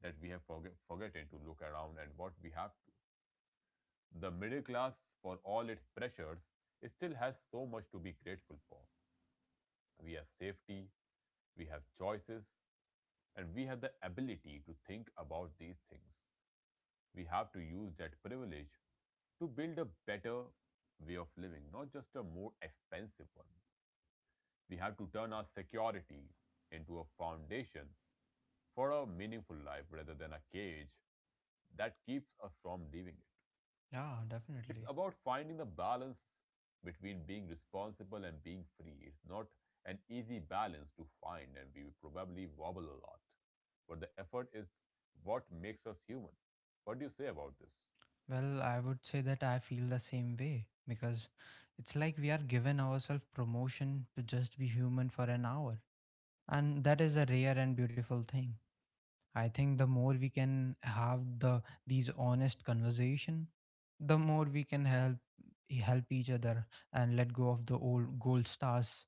B: that we have forgotten to look around and what we have to. The middle class, for all its pressures, it still has so much to be grateful for. We have safety, we have choices, and we have the ability to think about these things. We have to use that privilege to build a better way of living, not just a more expensive one. We have to turn our security into a foundation for a meaningful life rather than a cage that keeps us from living it.
A: Yeah,
B: It's
A: definitely.
B: about finding the balance between being responsible and being free. It's not an easy balance to find, and we will probably wobble a lot. But the effort is what makes us human. What do you say about this?
A: Well, I would say that I feel the same way, because it's like we are given ourselves promotion to just be human for an hour. And that is a rare and beautiful thing. I think the more we can have these honest conversation, the more we can help each other and let go of the old gold stars.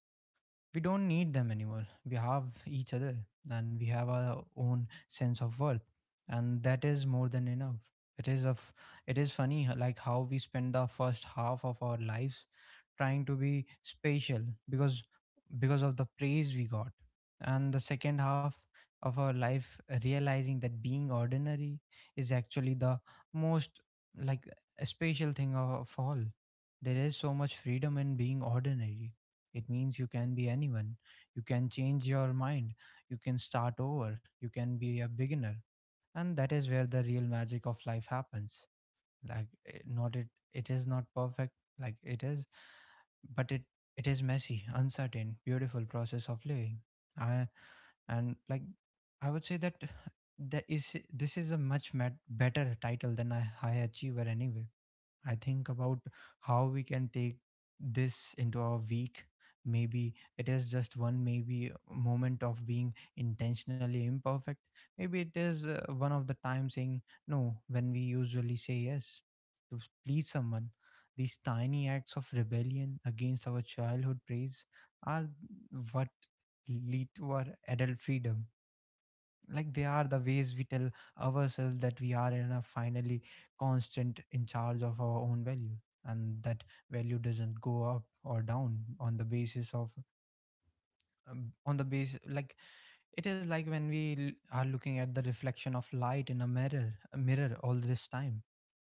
A: We don't need them anymore. We have each other and we have our own sense of worth. And that is more than enough. It is of it is funny like how we spend the first half of our lives trying to be special because of the praise we got. And the second half of our life realizing that being ordinary is actually the most like special thing of all. There is so much freedom in being ordinary. It means you can be anyone. You can change your mind. You can start over. You can be a beginner. And that is where the real magic of life happens. Like eh, not it it is not perfect like it is, but it is messy, uncertain, beautiful process of living. I and like I would say that that is this is a much met, better title than a high achiever anyway. I think about how we can take this into our week. Maybe it is just one, maybe moment of being intentionally imperfect. Maybe it is one of the time saying no when we usually say yes to please someone. These tiny acts of rebellion against our childhood praise are what lead to our adult freedom. Like they are the ways we tell ourselves that we are in a finally constant in charge of our own value, and that value doesn't go up or down on the basis of on the base like it is like when we are looking at the reflection of light in a mirror, all this time,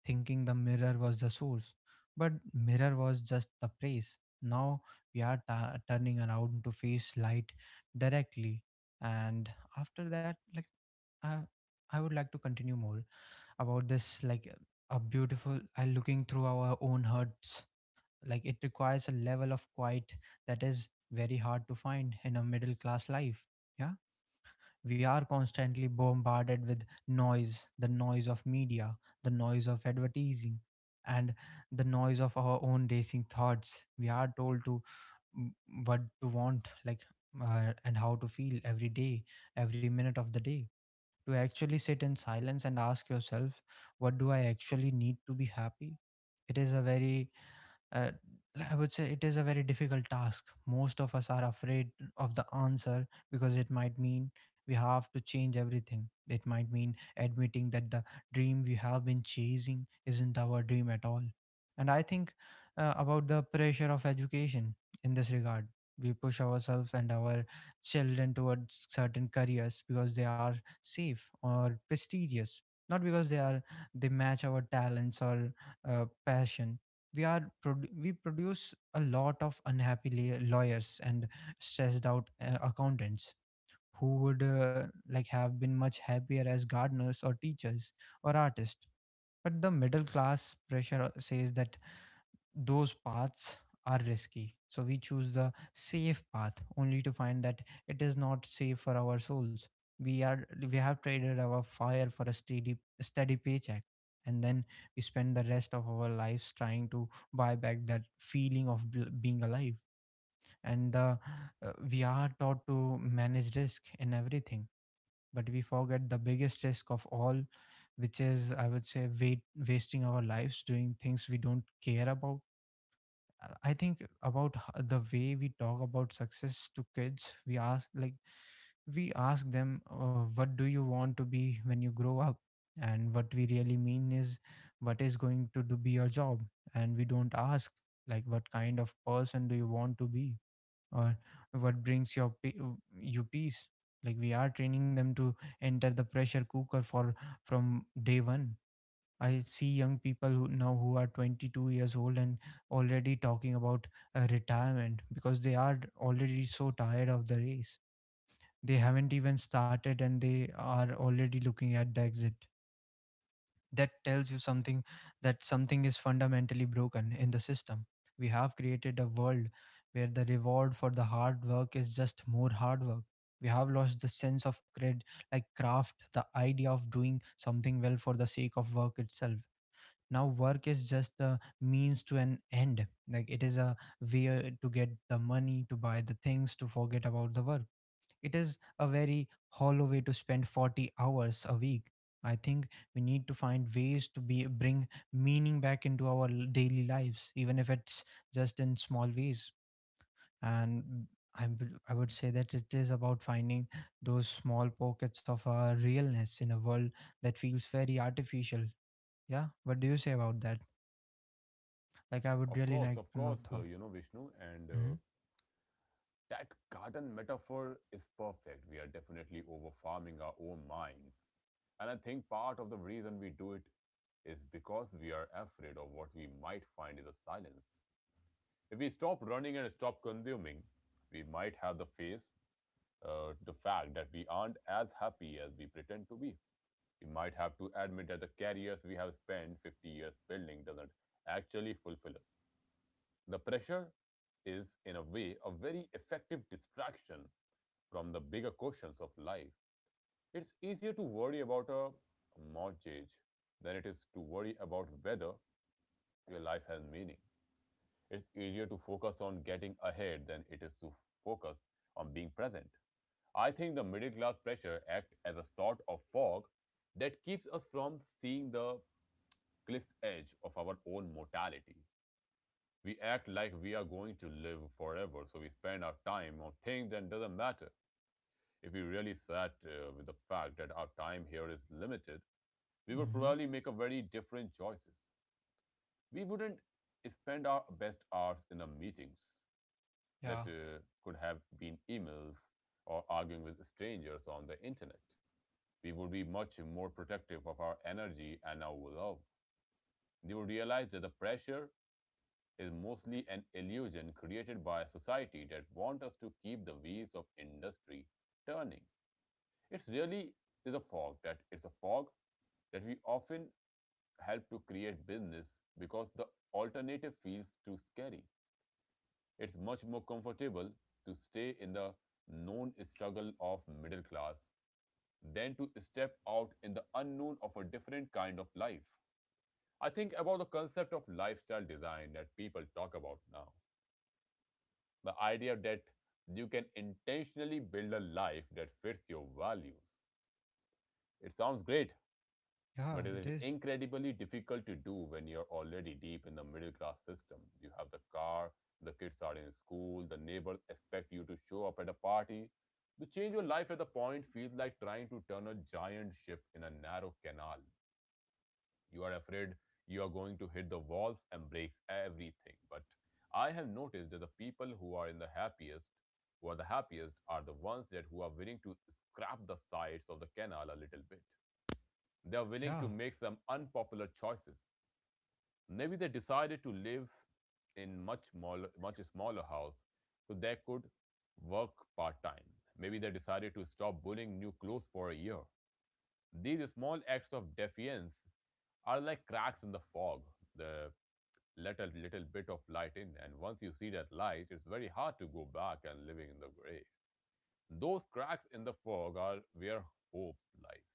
A: thinking the mirror was the source, but mirror was just the praise. Now we are turning around to face light directly. And after that, like I, I would like to continue more about this, like a beautiful, I looking through our own hearts. Like it requires a level of quiet that is very hard to find in a middle class life. Yeah, we are constantly bombarded with noise, the noise of media, the noise of advertising, and the noise of our own racing thoughts. We are told to mm, what to want, like and how to feel every day, every minute of the day. To actually sit in silence and ask yourself, what do I actually need to be happy, it is a very uh, I would say it is a very difficult task. Most of us are afraid of the answer because it might mean we have to change everything. It might mean admitting that the dream we have been chasing isn't our dream at all. And I think about the pressure of education in this regard. We push ourselves and our children towards certain careers because they are safe or prestigious, not because they match our talents or passion. We produce a lot of unhappy lawyers and stressed out accountants who would like have been much happier as gardeners or teachers or artists. But the middle class pressure says that those paths are risky, so we choose the safe path only to find that it is not safe for our souls. We are we have traded our fire for a steady paycheck, and then we spend the rest of our lives trying to buy back that feeling of being alive. And we are taught to manage risk in everything, but we forget the biggest risk of all, which is I would say wait, wasting our lives doing things we don't care about. I think about the way we talk about success to kids. We ask them, "What do you want to be when you grow up?" And what we really mean is, "What is going to do be your job?" And we don't ask, like, "What kind of person do you want to be?" Or "What brings you peace?" Like we are training them to enter the pressure cooker for from day one. I see young people who now who are 22 years old and already talking about retirement because they are already so tired of the race. They haven't even started and they are already looking at the exit. That tells you something, that something is fundamentally broken in the system. We have created a world where the reward for the hard work is just more hard work. We have lost the sense of cred, like craft, the idea of doing something well for the sake of work itself. Now work is just a means to an end. Like it is a way to get the money to buy the things to forget about the work. It is a very hollow way to spend 40 hours a week. I think we need to find ways to be bring meaning back into our daily lives, even if it's just in small ways. And I would say that it is about finding those small pockets of realness in a world that feels very artificial. Yeah, what do you say about that? Like I would really like
B: Of
A: to know,
B: course,
A: Thor.
B: Vishnu, and
A: Mm-hmm.
B: that garden metaphor is perfect. We are definitely over farming our own minds. And I think part of the reason we do it is because we are afraid of what we might find in the silence. If we stop running and stop consuming, we might have the face the fact that we aren't as happy as we pretend to be. We might have to admit that the careers we have spent 50 years building doesn't actually fulfill us. The pressure is, in a way, a very effective distraction from the bigger questions of life. It's easier to worry about a mortgage than it is to worry about whether your life has meaning. It's easier to focus on getting ahead than it is to focus on being present. I think the middle class pressure acts as a sort of fog that keeps us from seeing the cliff's edge of our own mortality. We act like we are going to live forever, so we spend our time on things that doesn't matter. If we really sat with the fact that our time here is limited, we would
A: Mm-hmm.
B: probably make a very different choices. We wouldn't spend our best hours in the meetings
A: Yeah.
B: that could have been emails, or arguing with strangers on the internet. We would be much more protective of our energy and our love. They would realize that the pressure is mostly an illusion created by a society that wants us to keep the wheels of industry turning. It really is a fog that it's a fog that we often help to create business, because the alternative feels too scary. It's much more comfortable to stay in the known struggle of middle class than to step out in the unknown of a different kind of life. I think about the concept of lifestyle design that people talk about now. The idea that you can intentionally build a life that fits your values. It sounds great, but
A: Yeah,
B: it
A: it
B: is
A: is.
B: incredibly difficult to do when you're already deep in the middle class system. You have the car, the kids are in school, the neighbors expect you to show up at a party. To change your life at the point feels like trying to turn a giant ship in a narrow canal. You are afraid you are going to hit the walls and break everything. But I have noticed that the people who are the happiest, are the ones that who are willing to scrap the sides of the canal a little bit. They are willing
A: Yeah.
B: to make some unpopular choices. Maybe they decided to live in much smaller house so they could work part time. Maybe they decided to stop bullying new clothes for a year. These small acts of defiance are like cracks in the fog. The little bit of light in, and once you see that light, it's very hard to go back and living in the gray. Those cracks in the fog are where hope lies.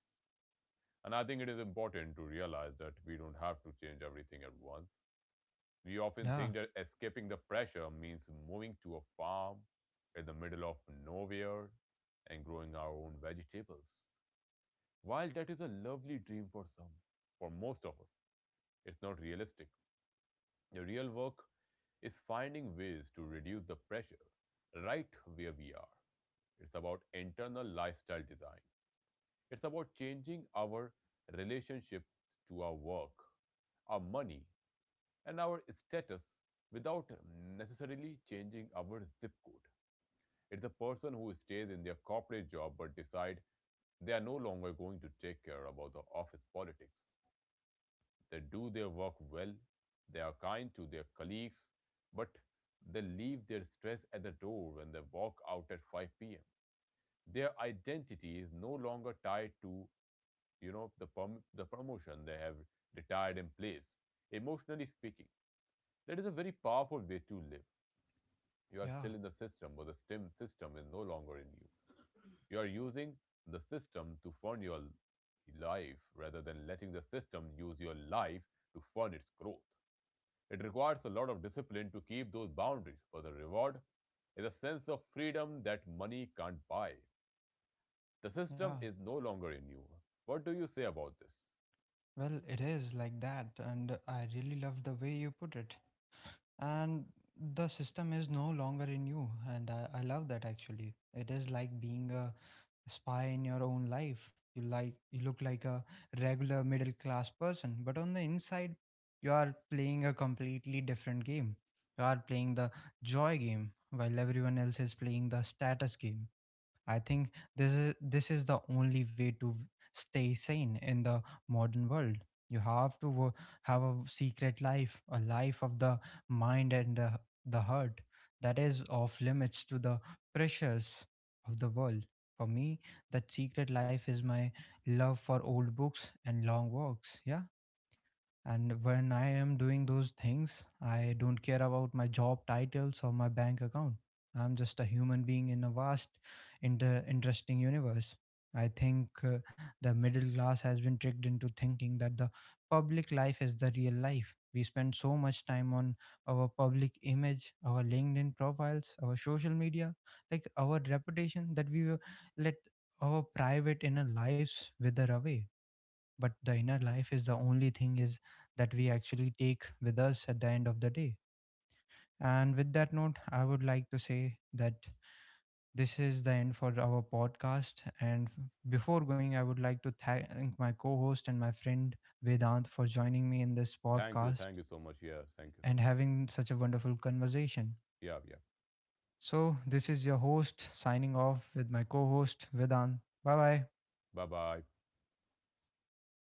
B: And I think it is important to realize that we don't have to change everything at once. We often
A: Yeah.
B: think that escaping the pressure means moving to a farm in the middle of nowhere and growing our own vegetables. While that is a lovely dream for some, for most of us, it's not realistic. The real work is finding ways to reduce the pressure right where we are. It's about internal lifestyle design. It's about changing our relationship to our work, our money, and our status without necessarily changing our zip code. It's the person who stays in their corporate job but decide they are no longer going to take care about the office politics. They do their work well, they are kind to their colleagues, but they leave their stress at the door when they walk out at 5 p.m. Their identity is no longer tied to the promotion. They have retired in place. Emotionally speaking, that is a very powerful way to live. You are
A: Yeah.
B: still in the system, but the STEM system is no longer in you. You are using the system to fund your life rather than letting the system use your life to fund its growth. It requires a lot of discipline to keep those boundaries, for the reward is a sense of freedom that money can't buy. The
A: Yeah.
B: system is no longer in you. What do you say about this?
A: Well, it is like that. And I really love the way you put it. And the system is no longer in you. And I love that, actually. It is like being a spy in your own life. You look like a regular middle class person, but on the inside, you are playing a completely different game. You are playing the joy game while everyone else is playing the status game. I think this is the only way to stay sane in the modern world. You have to have a secret life, a life of the mind and the heart, that is off limits to the pressures of the world. For me, that secret life is my love for old books and long walks. Yeah, and when I am doing those things, I don't care about my job titles or my bank account. I'm just a human being in a vast, interesting universe. I think the middle class has been tricked into thinking that the public life is the real life. We spend so much time on our public image, our LinkedIn profiles, our social media, like our reputation, that we let our private inner lives wither away. But the inner life is the only thing is that we actually take with us at the end of the day. And with that note, I would like to say that this is the end for our podcast, and before going, I would like to thank my co-host and my friend Vedant for joining me in this
B: Thank you.
A: podcast
B: Thank you so much. Yeah. Thank you so
A: and
B: much.
A: having such a wonderful conversation.
B: Yeah. Yeah.
A: So this is your host signing off with my co-host Vedant. Bye bye.
B: Bye bye.